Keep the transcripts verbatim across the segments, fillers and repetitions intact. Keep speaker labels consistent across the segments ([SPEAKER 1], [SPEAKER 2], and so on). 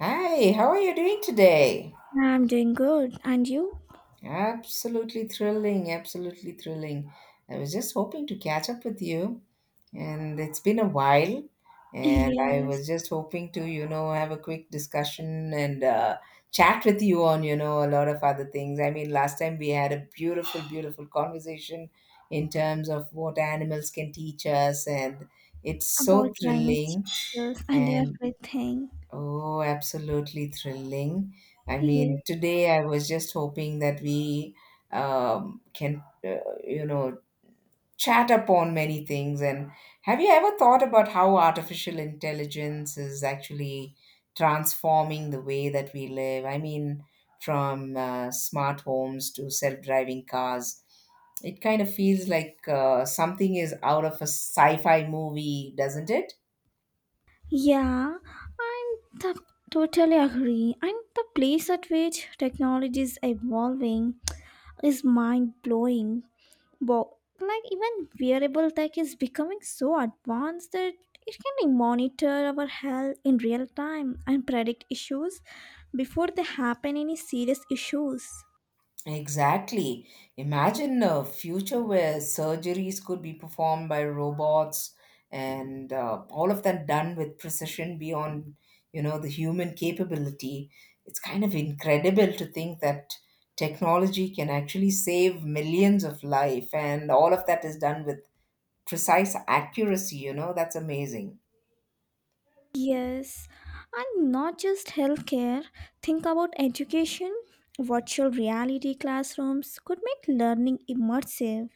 [SPEAKER 1] Hi, how are you doing today?
[SPEAKER 2] I'm doing good. And you?
[SPEAKER 1] Absolutely thrilling, absolutely thrilling. I was just hoping to catch up with you, and it's been a while, and I
[SPEAKER 2] Yes,
[SPEAKER 1] was just hoping to, you know, have a quick discussion and uh, chat with you on, you know, a lot of other things. I mean, last time we had a beautiful, beautiful conversation in terms of what animals can teach us, and it's
[SPEAKER 2] about
[SPEAKER 1] so
[SPEAKER 2] climate
[SPEAKER 1] thrilling.
[SPEAKER 2] changes and
[SPEAKER 1] And
[SPEAKER 2] everything.
[SPEAKER 1] oh, absolutely thrilling. I
[SPEAKER 2] Yes.
[SPEAKER 1] mean, today I was just hoping that we um, can, uh, you know, chat upon many things. And have you ever thought about how artificial intelligence is actually transforming the way that we live? I mean, from uh, smart homes to self-driving cars, it kind of feels like uh, something is out of a sci-fi movie, doesn't it?
[SPEAKER 2] Yeah, I'm t- totally agree. And the place at which technology is evolving is mind blowing. But like even wearable tech is becoming so advanced that it can monitor our health in real time and predict issues before they happen any serious issues.
[SPEAKER 1] Exactly. Imagine a future where surgeries could be performed by robots and uh, all of that done with precision beyond, you know, the human capability. It's kind of incredible to think that technology can actually save millions of life and all of that is done with precise accuracy, you know, that's amazing.
[SPEAKER 2] Yes, and not just healthcare. Think about education. Virtual reality classrooms could make learning immersive,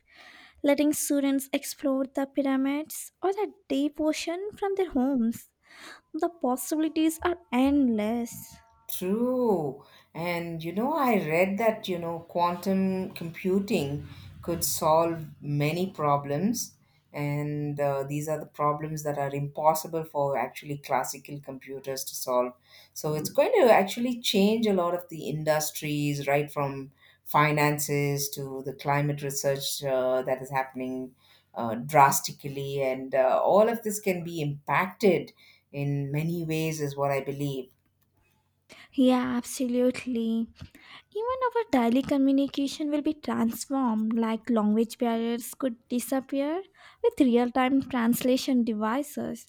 [SPEAKER 2] letting students explore the pyramids or the deep ocean from their homes. The possibilities are endless.
[SPEAKER 1] True. And you know, I read that, you know, quantum computing could solve many problems. And uh, these are the problems that are impossible for actually classical computers to solve. So it's going to actually change a lot of the industries, right from finances to the climate research uh, that is happening uh, drastically. And uh, all of this can be impacted in many ways, is what I believe.
[SPEAKER 2] Yeah, absolutely. Even our daily communication will be transformed, like language barriers could disappear with real time translation devices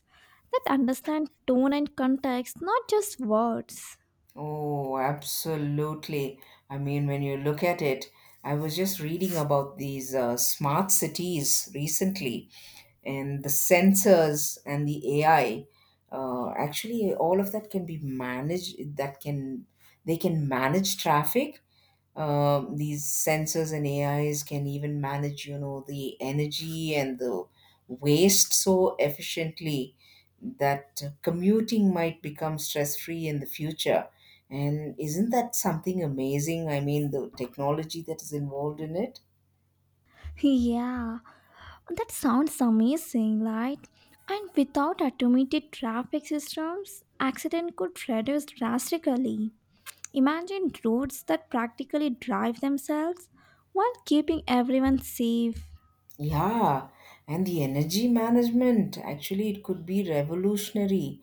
[SPEAKER 2] that understand tone and context, not just words.
[SPEAKER 1] Oh, absolutely. I mean, when you look at it, I was just reading about these uh, smart cities recently, and the sensors and the A I. Uh, actually, all of that can be managed. That can They can manage traffic um, these sensors and A Is can even manage, you know, the energy and the waste so efficiently that commuting might become stress-free in the future. And isn't that something amazing? I mean, the technology that is involved in it.
[SPEAKER 2] Yeah, that sounds amazing, right? And without automated traffic systems, accident could reduce drastically. Imagine roads that practically drive themselves while keeping everyone safe.
[SPEAKER 1] Yeah, and the energy management actually it could be revolutionary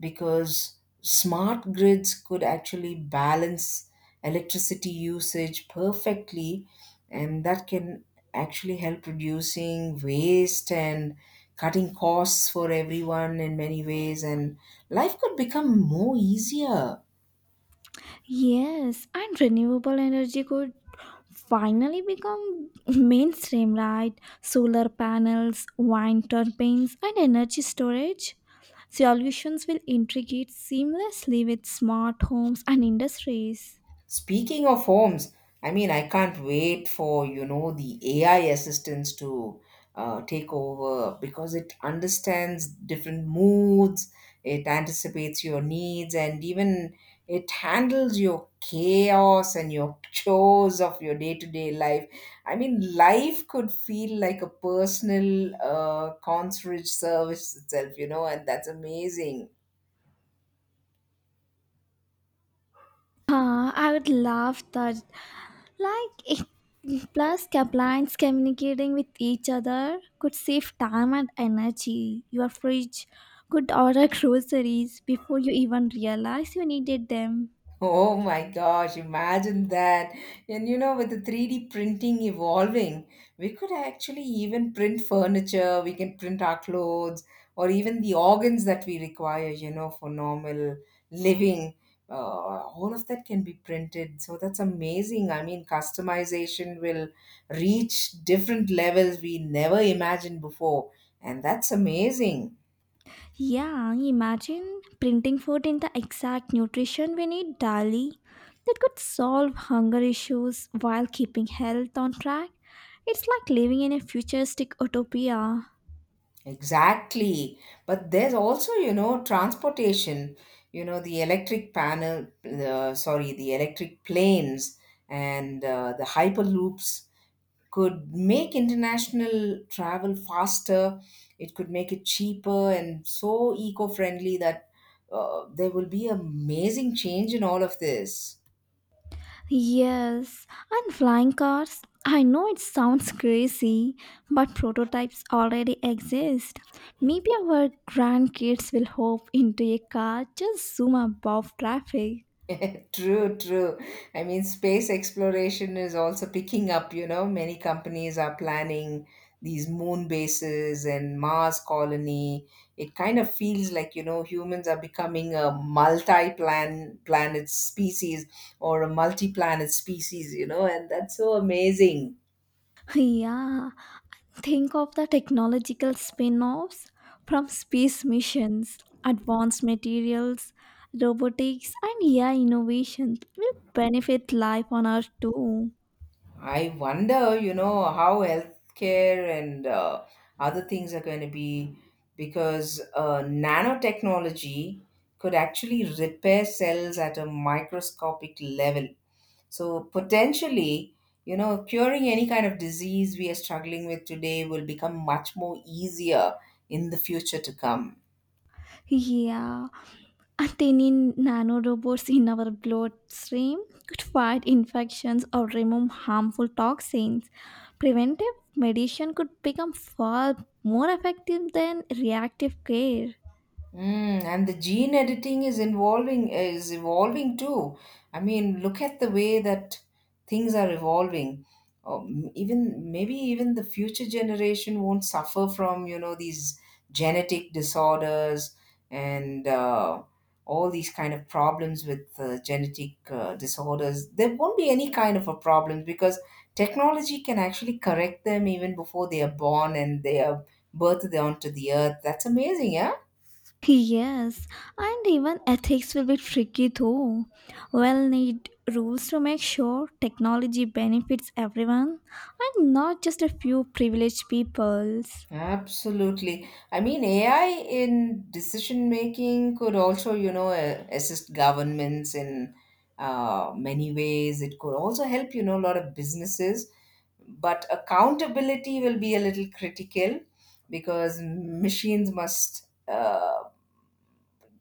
[SPEAKER 1] because smart grids could actually balance electricity usage perfectly and that can actually help reducing waste and cutting costs for everyone in many ways and life could become more easier.
[SPEAKER 2] Yes, and renewable energy could finally become mainstream, right? Solar panels, wind turbines, and energy storage solutions will integrate seamlessly with smart homes and industries.
[SPEAKER 1] Speaking of homes, I mean, I can't wait for, you know, the A I assistants to uh, take over because it understands different moods, it anticipates your needs, and even it handles your chaos and your chores of your day-to-day life. I mean, life could feel like a personal uh, concierge service itself, you know, and that's amazing.
[SPEAKER 2] Ah, I would love that. Like, it, plus, clients communicating with each other could save time and energy. Your fridge could order groceries before you even realize you needed them.
[SPEAKER 1] Oh my gosh, imagine that. And you know, with the three D printing evolving, we could actually even print furniture, we can print our clothes, or even the organs that we require, you know, for normal living. Uh, all of that can be printed. So that's amazing. I mean, customization will reach different levels we never imagined before. And that's amazing.
[SPEAKER 2] Yeah, imagine printing food in the exact nutrition we need daily. That could solve hunger issues while keeping health on track. It's like living in a futuristic utopia.
[SPEAKER 1] Exactly. But there's also, you know, transportation, you know, the electric panel, uh, sorry, the electric planes and uh, the hyperloops could make international travel faster. It could make it cheaper and so eco-friendly that uh, there will be amazing change in all of this.
[SPEAKER 2] Yes, and flying cars. I know it sounds crazy, but prototypes already exist. Maybe our grandkids will hop into a car just zoom above traffic.
[SPEAKER 1] True, true. I mean, space exploration is also picking up, you know. Many companies are planning these moon bases and Mars colony. It kind of feels like, you know, humans are becoming a multi-plan planet species or a multi-planet species, you know, and that's so amazing.
[SPEAKER 2] Yeah, think of the technological spin offs from space missions, advanced materials, robotics, and A I innovations will benefit life on Earth too.
[SPEAKER 1] I wonder, you know, how healthcare and uh, other things are going to be because uh, nanotechnology could actually repair cells at a microscopic level. So, potentially, you know, curing any kind of disease we are struggling with today will become much more easier in the future to come.
[SPEAKER 2] Yeah, and tiny nano robots in our bloodstream could fight infections or remove harmful toxins. Preventive medicine could become far more effective than reactive care.
[SPEAKER 1] Mm, and the gene editing is involving is evolving too. I mean, look at the way that things are evolving. Um, even maybe even the future generation won't suffer from you know these genetic disorders and uh, all these kind of problems with uh, genetic uh, disorders. There won't be any kind of a problem because technology can actually correct them even before they are born and they are birthed onto the earth. That's amazing, yeah.
[SPEAKER 2] Yes, and even ethics will be tricky though. We'll need rules to make sure technology benefits everyone and not just a few privileged peoples.
[SPEAKER 1] Absolutely. I mean, A I in decision making could also, you know, uh, assist governments in uh, many ways. It could also help, you know, a lot of businesses. But accountability will be a little critical because machines must uh,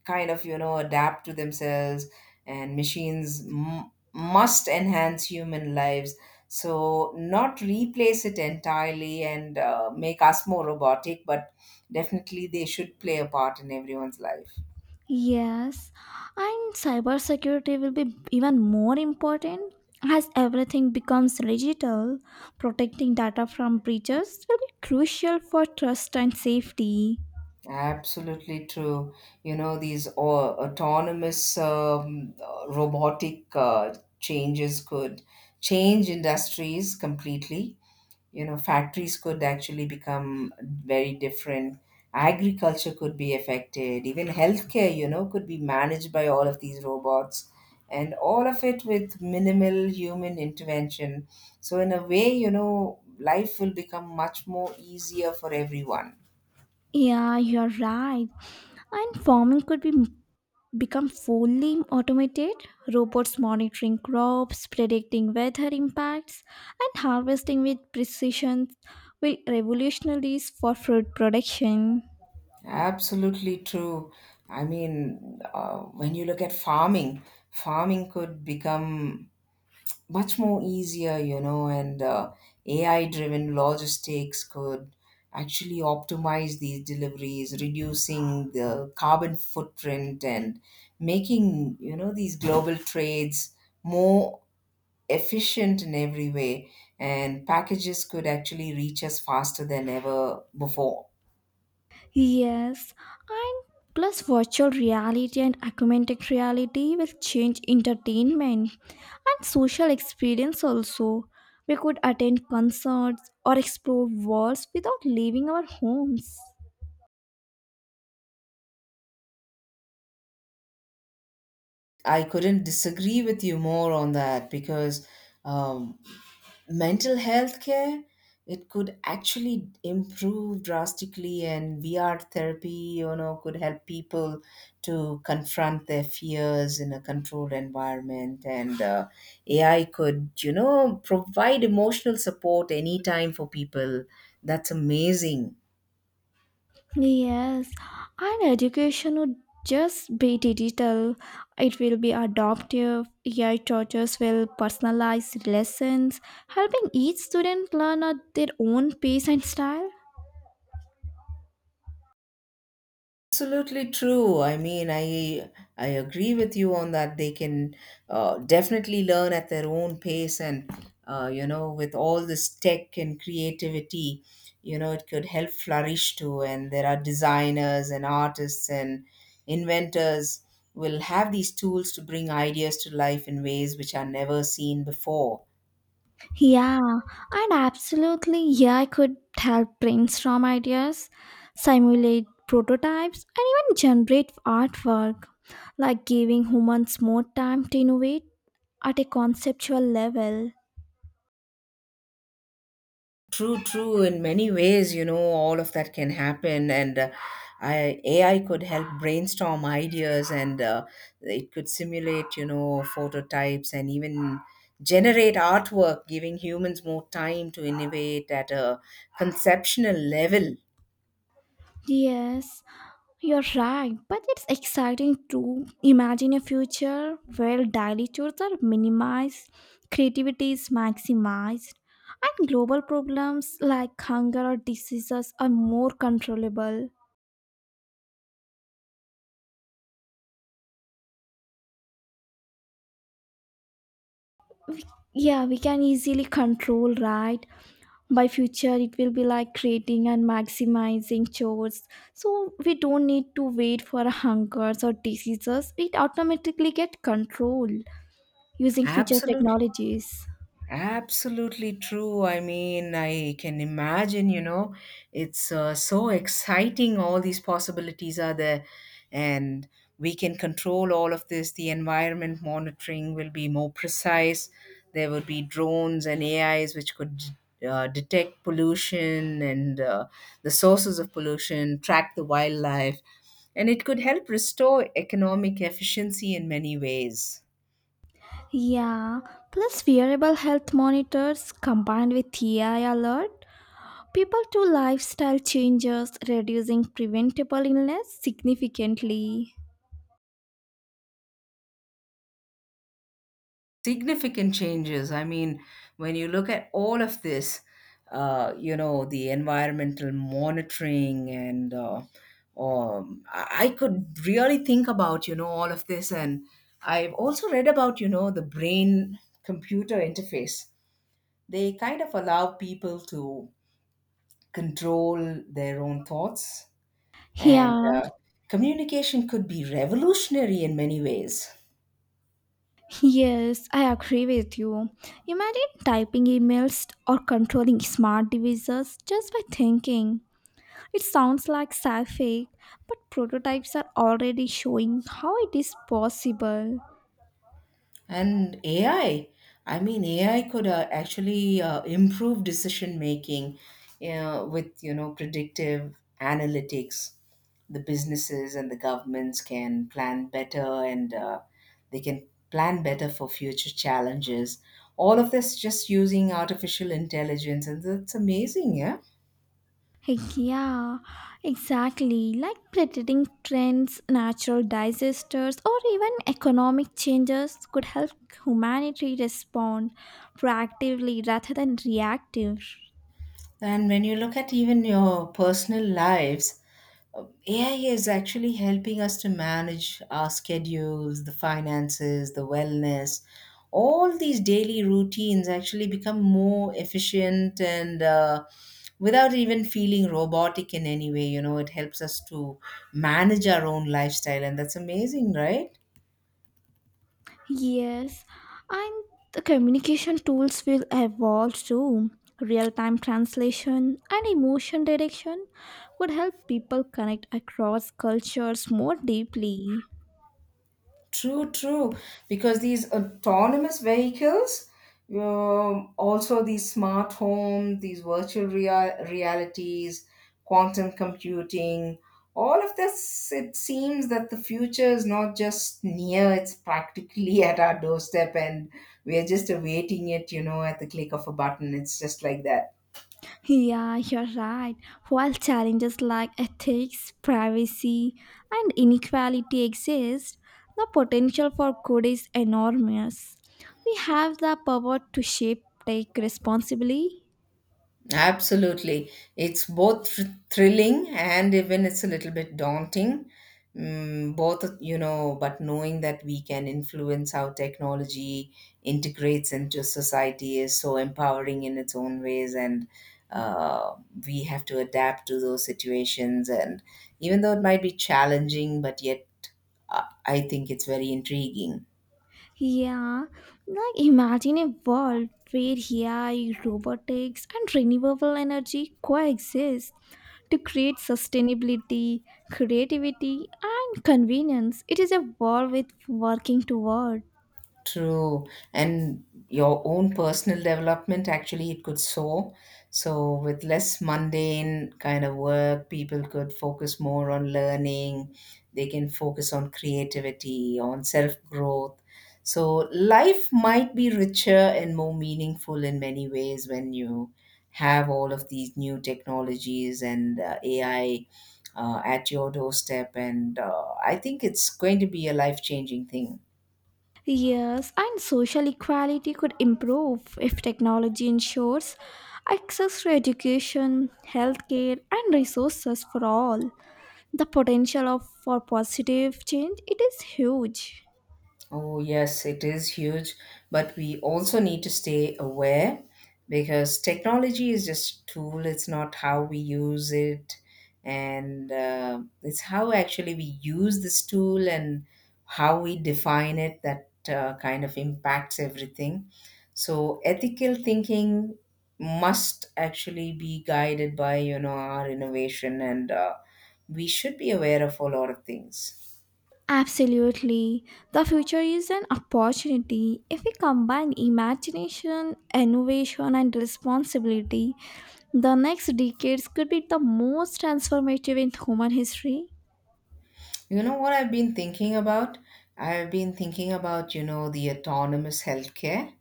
[SPEAKER 1] kind of you know adapt to themselves and machines m- must enhance human lives so not replace it entirely and uh, make us more robotic but definitely they should play a part in everyone's life.
[SPEAKER 2] Yes, and cybersecurity will be even more important as everything becomes digital. Protecting data from breaches will be crucial for trust and safety.
[SPEAKER 1] Absolutely true, you know, these au- autonomous um, uh, robotic uh, changes could change industries completely, you know, factories could actually become very different, agriculture could be affected, even healthcare, you know, could be managed by all of these robots, and all of it with minimal human intervention. So in a way, you know, life will become much more easier for everyone.
[SPEAKER 2] Yeah, you're right. And farming could be become fully automated, robots monitoring crops, predicting weather impacts, and harvesting with precision will revolutionize for food production.
[SPEAKER 1] Absolutely true. I mean, uh, when you look at farming, farming could become much more easier, you know, and uh, A I driven logistics could actually optimize these deliveries, reducing the carbon footprint and making, you know, these global trades more efficient in every way. And packages could actually reach us faster than ever before.
[SPEAKER 2] Yes, and plus virtual reality and augmented reality will change entertainment and social experience also. We could attend concerts or explore worlds without leaving our homes.
[SPEAKER 1] I couldn't disagree with you more on that because. um Mental health care, it could actually improve drastically, and V R therapy, you know, could help people to confront their fears in a controlled environment, and uh, AI could, you know, provide emotional support anytime for people. That's amazing.
[SPEAKER 2] Yes, and education would just be digital. It will be adaptive. A I teachers will personalize lessons, helping each student learn at their own pace and style.
[SPEAKER 1] Absolutely true. I mean, I I agree with you on that. They can uh, definitely learn at their own pace, and uh, you know, with all this tech and creativity, you know, it could help flourish too. And there are designers and artists and inventors will have these tools to bring ideas to life in ways which are never seen before.
[SPEAKER 2] Yeah, and absolutely, A I could help brainstorm ideas, simulate prototypes, and even generate artwork, like giving humans more time to innovate at a conceptual level.
[SPEAKER 1] True, true. In many ways, you know, all of that can happen, and uh, I, A I could help brainstorm ideas, and uh, it could simulate, you know, phototypes and even generate artwork, giving humans more time to innovate at a conceptual level.
[SPEAKER 2] Yes, you're right, but it's exciting to imagine a future where daily chores are minimized, creativity is maximized, and global problems like hunger or diseases are more controllable. Yeah, we can easily control, right? By future, it will be like creating and maximizing chores. So we don't need to wait for hungers or diseases. It automatically get controlled using future
[SPEAKER 1] Absolutely.
[SPEAKER 2] technologies.
[SPEAKER 1] Absolutely true. I mean, I can imagine, you know, it's uh, so exciting. All these possibilities are there, and we can control all of this. The environment monitoring will be more precise. There would be drones and A Is which could uh, detect pollution and uh, the sources of pollution, track the wildlife, and it could help restore economic efficiency in many ways.
[SPEAKER 2] Yeah, plus wearable health monitors combined with A I alert, people to lifestyle changes reducing preventable illness significantly.
[SPEAKER 1] Significant changes. I mean, when you look at all of this, uh, you know, the environmental monitoring and uh, um, I I could really think about, you know, all of this. And I've also read about, you know, the brain computer interface. They kind of allow people to control their own thoughts, and
[SPEAKER 2] Yeah,
[SPEAKER 1] uh, communication could be revolutionary in many ways.
[SPEAKER 2] yes, I agree with you. Imagine typing emails or controlling smart devices just by thinking. It sounds like sci fi, but prototypes are already showing how it is possible.
[SPEAKER 1] And A I, I I mean, A I could uh, actually uh, improve decision making uh, with you know predictive analytics. The businesses and the governments can plan better, and uh, they can plan better for future challenges. All of this just using artificial intelligence, and that's amazing, yeah.
[SPEAKER 2] Heck yeah, exactly. Like predicting trends, natural disasters, or even economic changes could help humanity respond proactively rather than reactive.
[SPEAKER 1] And when you look at even your personal lives, uh, A I is actually helping us to manage our schedules, the finances, the wellness. All these daily routines actually become more efficient and uh, without even feeling robotic in any way. You know, it helps us to manage our own lifestyle, and that's amazing, right?
[SPEAKER 2] Yes, and the communication tools will evolve too. Real time translation and emotion direction would help people connect across cultures more deeply.
[SPEAKER 1] True, true. Because these autonomous vehicles, um, also these smart home, these virtual rea- realities, quantum computing, all of this, it seems that the future is not just near, it's practically at our doorstep, and we're just awaiting it, you know, at the click of a button. It's just like that.
[SPEAKER 2] Yeah, you're right. While challenges like ethics, privacy, and inequality exist, the potential for good is enormous. We have the power to shape, take responsibly.
[SPEAKER 1] Absolutely. It's both thr- thrilling and even it's a little bit daunting. Mm, both, you know, but knowing that we can influence how technology integrates into society is so empowering in its own ways. And uh, we have to adapt to those situations. And even though it might be challenging, but yet uh, I think it's very intriguing.
[SPEAKER 2] Yeah, like imagine a world where A I, robotics, and renewable energy coexist to create sustainability, creativity, and convenience. It is a world with working toward.
[SPEAKER 1] True. And your own personal development, actually, it could soar. So, with less mundane kind of work, people could focus more on learning. They can focus on creativity, on self growth. So, life might be richer and more meaningful in many ways when you have all of these new technologies and uh, A I uh, at your doorstep. And uh, I think it's going to be a life changing thing.
[SPEAKER 2] Yes, and social equality could improve if technology ensures access to education, healthcare, and resources for all. The potential of for positive change it is huge.
[SPEAKER 1] Oh, yes, it is huge, but we also need to stay aware because technology is just a tool, it's not how we use it, and uh, it's how actually we use this tool and how we define it that uh, kind of impacts everything. So, ethical thinking must actually be guided by you know our innovation and uh, we should be aware of a lot of things
[SPEAKER 2] Absolutely. The future is an opportunity. If we combine imagination, innovation, and responsibility, the next decades could be the most transformative in human history.
[SPEAKER 1] You know what I've been thinking about? I've been thinking about, you know, the autonomous healthcare,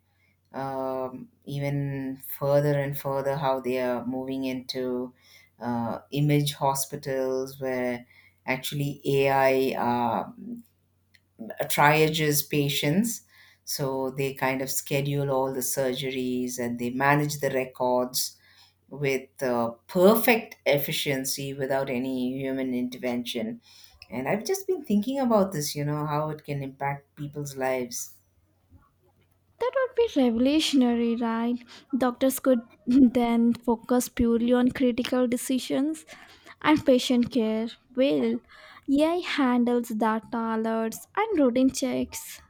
[SPEAKER 1] um, even further and further, how they are moving into uh, image hospitals where actually A I uh, triages patients. So they kind of schedule all the surgeries and they manage the records with uh, perfect efficiency without any human intervention. And I've just been thinking about this, you know, how it can impact people's lives.
[SPEAKER 2] That would be revolutionary, right? Doctors could then focus purely on critical decisions and patient care. Well, A I handles data alerts and routine checks.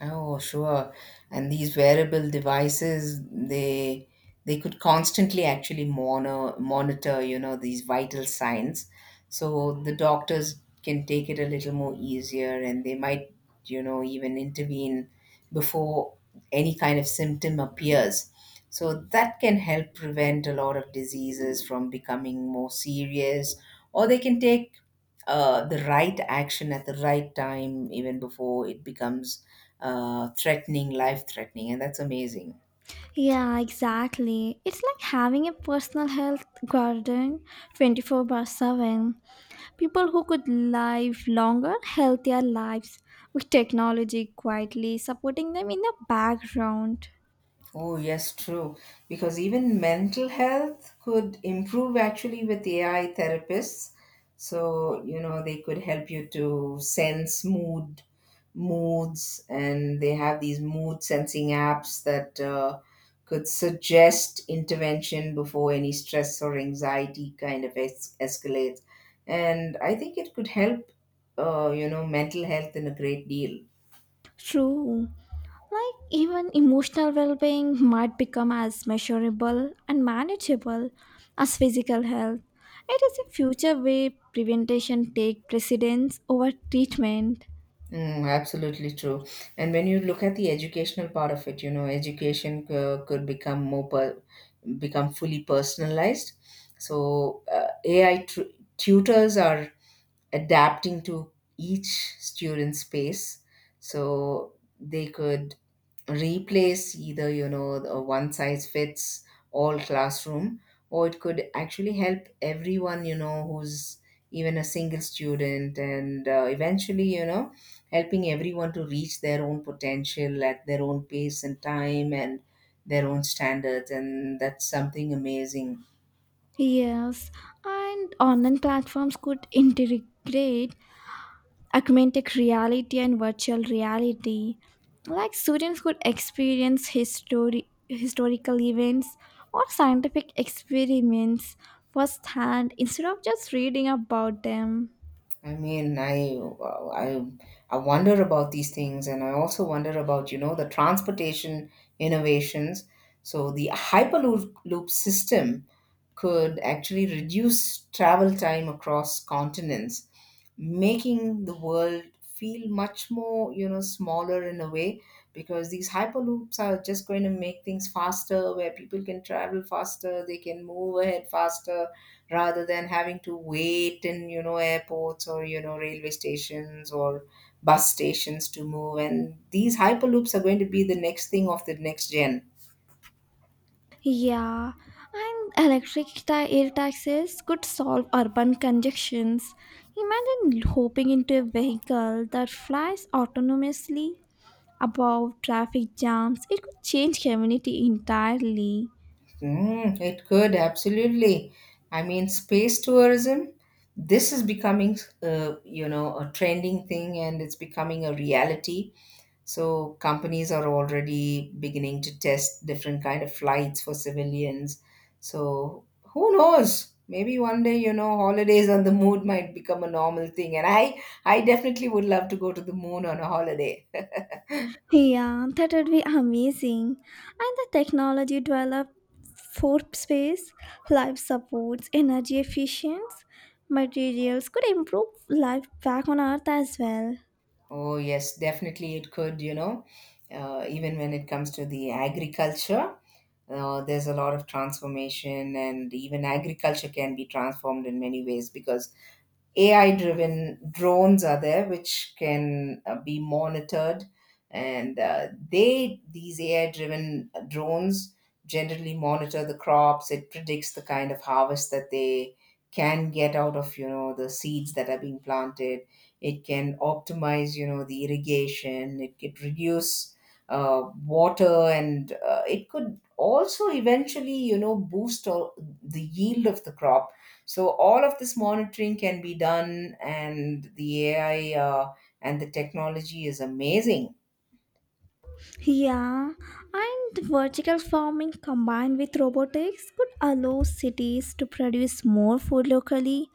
[SPEAKER 1] Oh, sure. And these wearable devices, they they could constantly actually monitor monitor, you know, these vital signs. So the doctors can take it a little more easier and they might, you know, even intervene before any kind of symptom appears. So that can help prevent a lot of diseases from becoming more serious, or they can take uh, the right action at the right time, even before it becomes uh, threatening, life threatening, and that's amazing.
[SPEAKER 2] Yeah, exactly. It's like having a personal health garden twenty-four seven. People who could live longer, healthier lives with technology quietly supporting them in the background.
[SPEAKER 1] Oh, yes, true. Because even mental health could improve actually with A I therapists. So, you know, they could help you to sense mood, moods, and they have these mood sensing apps that uh, could suggest intervention before any stress or anxiety kind of es- escalates. And I think it could help, uh, you know, mental health in a great deal.
[SPEAKER 2] True. Like even emotional well-being might become as measurable and manageable as physical health. It is a future where prevention take precedence over treatment.
[SPEAKER 1] Mm, absolutely true. And when you look at the educational part of it, you know, education c- could become more per- become fully personalized. So uh, A I tr- tutors are adapting to each student's pace. So they could replace either you know the one size fits all classroom or it could actually help everyone you know who's even a single student and uh, eventually you know helping everyone to reach their own potential at their own pace and time and their own standards and that's something amazing.
[SPEAKER 2] Yes, and online platforms could integrate augmented reality and virtual reality. Like students could experience histori- historical events or scientific experiments firsthand instead of just reading about them.
[SPEAKER 1] I mean, I, I, I wonder about these things, and I also wonder about, you know, the transportation innovations. So the Hyperloop loop system could actually reduce travel time across continents, making the world feel much more, you know, smaller in a way, because these Hyperloops are just going to make things faster, where people can travel faster, they can move ahead faster, rather than having to wait in you know airports or you know railway stations or bus stations to move and these hyperloops are going to be the next thing of the next gen.
[SPEAKER 2] Yeah, and electric ta- air taxis could solve urban congestions. Imagine hopping into a vehicle that flies autonomously above traffic jams. It could change community entirely.
[SPEAKER 1] Mm, it could absolutely. I mean, space tourism, this is becoming uh, you know a trending thing and it's becoming a reality. So companies are already beginning to test different kind of flights for civilians. So who knows? Maybe one day, you know, holidays on the moon might become a normal thing. And I, I definitely would love to go to the moon on a holiday.
[SPEAKER 2] Yeah, that would be amazing. And the technology developed for space, life supports, energy efficiency, materials could improve life back on Earth as well.
[SPEAKER 1] Oh, yes, definitely it could, you know, uh, even when it comes to the agriculture. Uh, there's a lot of transformation, and even agriculture can be transformed in many ways because A I driven drones are there which can uh, be monitored and uh, they these A I driven drones generally monitor the crops, it predicts the kind of harvest that they can get out of you know the seeds that are being planted, it can optimize you know the irrigation, it could reduce uh, water and uh, it could also eventually you know boost all the yield of the crop. So all of this monitoring can be done, and the A I uh, and the technology is amazing.
[SPEAKER 2] Yeah, and vertical farming combined with robotics could allow cities to produce more food locally,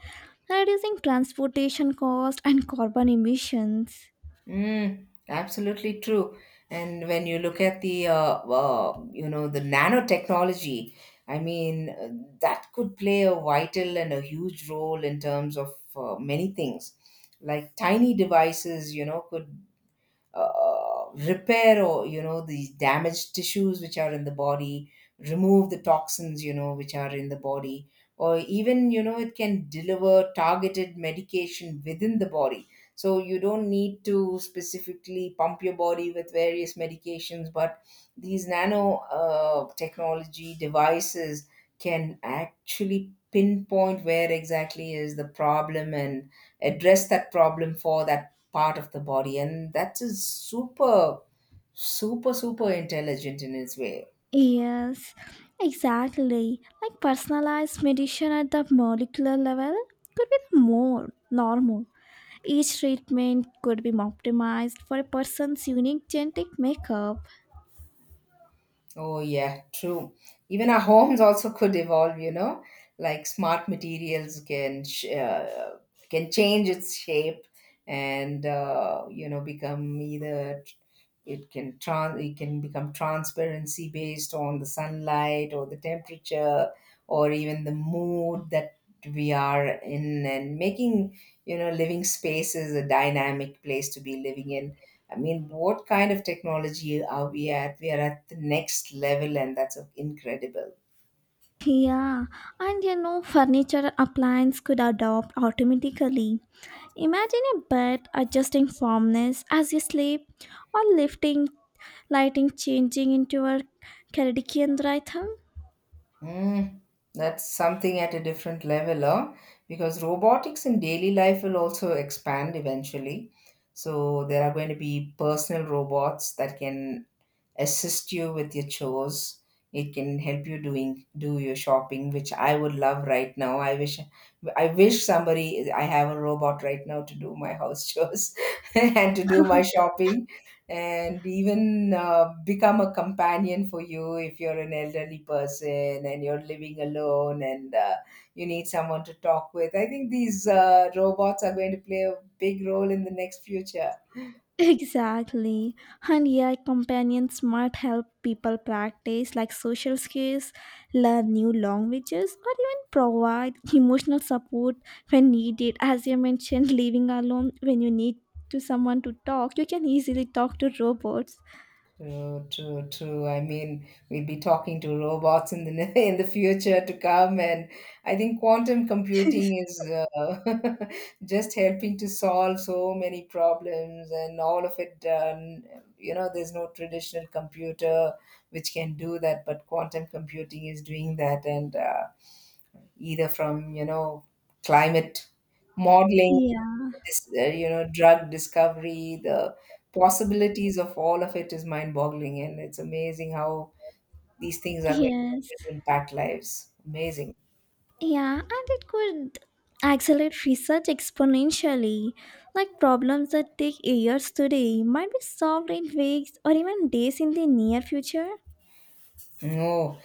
[SPEAKER 2] reducing transportation costs and carbon emissions.
[SPEAKER 1] Mm, absolutely true. And when you look at the uh, uh, you know the nanotechnology, I mean uh, that could play a vital and a huge role in terms of uh, many things. Like tiny devices, you know, could uh, repair or you know these damaged tissues which are in the body, remove the toxins you know which are in the body, or even you know it can deliver targeted medication within the body. So you don't need to specifically pump your body with various medications, but these nano uh, technology devices can actually pinpoint where exactly is the problem and address that problem for that part of the body, and that is super super super intelligent in its way.
[SPEAKER 2] Yes, exactly. Like personalized medicine at the molecular level could be more normal. Each treatment could be optimized for a person's unique genetic makeup.
[SPEAKER 1] Oh, yeah, true. Even our homes also could evolve, you know, like smart materials can sh- uh, can change its shape and uh, you know become either it can trans it can become transparency based on the sunlight or the temperature or even the mood that we are in, and making you know living spaces a dynamic place to be living in. I mean, what kind of technology are we at? We are at the next level, and that's incredible.
[SPEAKER 2] Yeah, and you know, furniture appliance could adopt automatically. Imagine a bed adjusting firmness as you sleep, or lifting lighting changing into a circadian rhythm.
[SPEAKER 1] Mm, that's something at a different level, huh? Because robotics in daily life will also expand eventually. So there are going to be personal robots that can assist you with your chores, it can help you doing do your shopping, which I would love right now. I wish i wish somebody, I have a robot right now to do my house chores and to do my shopping, and even uh, become a companion for you if you're an elderly person and you're living alone and uh, you need someone to talk with. I think these uh, robots are going to play a big role in the next future.
[SPEAKER 2] Exactly. And A I companions might help people practice like social skills, learn new languages, or even provide emotional support when needed. As you mentioned, living alone when you need to someone to talk, you can easily talk to robots.
[SPEAKER 1] True, true, true. I mean, we'll be talking to robots in the in the future to come, and I think quantum computing is uh, just helping to solve so many problems, and all of it done. You know, there's no traditional computer which can do that, but quantum computing is doing that, and uh, either from you know climate modeling,
[SPEAKER 2] Yeah.
[SPEAKER 1] dis- uh, you know, drug discovery, the possibilities of all of it is mind-boggling, and it's amazing how these things are going
[SPEAKER 2] Yes.
[SPEAKER 1] to impact lives. Amazing.
[SPEAKER 2] Yeah, and it could accelerate research exponentially. Like problems that take years today might be solved in weeks or even days in the near future.
[SPEAKER 1] No,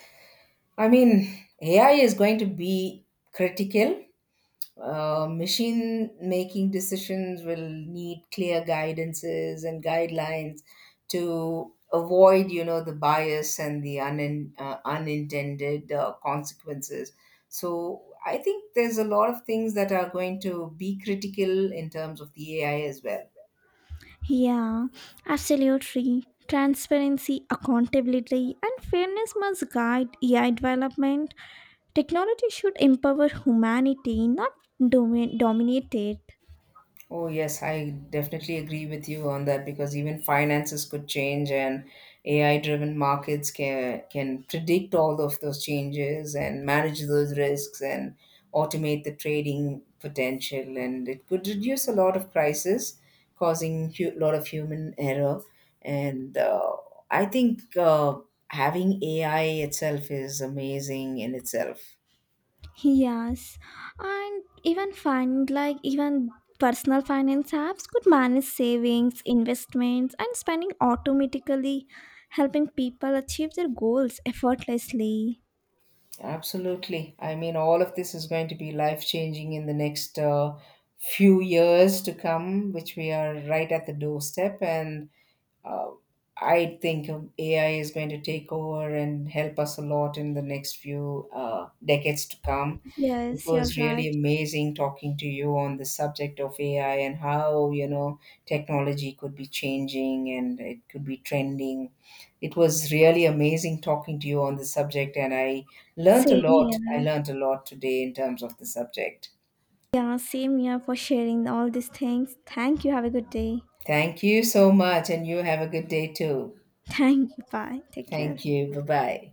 [SPEAKER 1] I mean, A I is going to be critical. Uh, machine making decisions will need clear guidances and guidelines to avoid you know the bias and the un- uh, unintended uh, consequences. So I think there's a lot of things that are going to be critical in terms of the AI as well.
[SPEAKER 2] Yeah, absolutely. Transparency, accountability, and fairness must guide A I development. Technology should empower humanity, not domi- dominate it.
[SPEAKER 1] Oh, yes, I definitely agree with you on that because even finances could change and A I-driven markets can can predict all of those changes and manage those risks and automate the trading potential and it could reduce a lot of crisis, causing a lot of human error. And uh, I think uh, having A I itself is amazing in itself.
[SPEAKER 2] Yes, and even find like even personal finance apps could manage savings, investments, and spending automatically, helping people achieve their goals effortlessly.
[SPEAKER 1] Absolutely. I mean, all of this is going to be life changing in the next uh, few years to come, which we are right at the doorstep. And uh, I think um, A I is going to take over and help us a lot in the next few uh, decades to come. It
[SPEAKER 2] Yes, you're
[SPEAKER 1] was really
[SPEAKER 2] right.
[SPEAKER 1] amazing talking to you on the subject of A I and how, you know, technology could be changing and it could be trending. It was really amazing talking to you on the subject, and I learned a
[SPEAKER 2] Same
[SPEAKER 1] lot. I
[SPEAKER 2] here.
[SPEAKER 1] learned a lot today in terms of the subject.
[SPEAKER 2] Yeah, same here for sharing all these things. Thank you. Have a good day.
[SPEAKER 1] Thank you so much, and you have a good day too.
[SPEAKER 2] Thank you. Bye. Take care.
[SPEAKER 1] Thank you. Bye bye.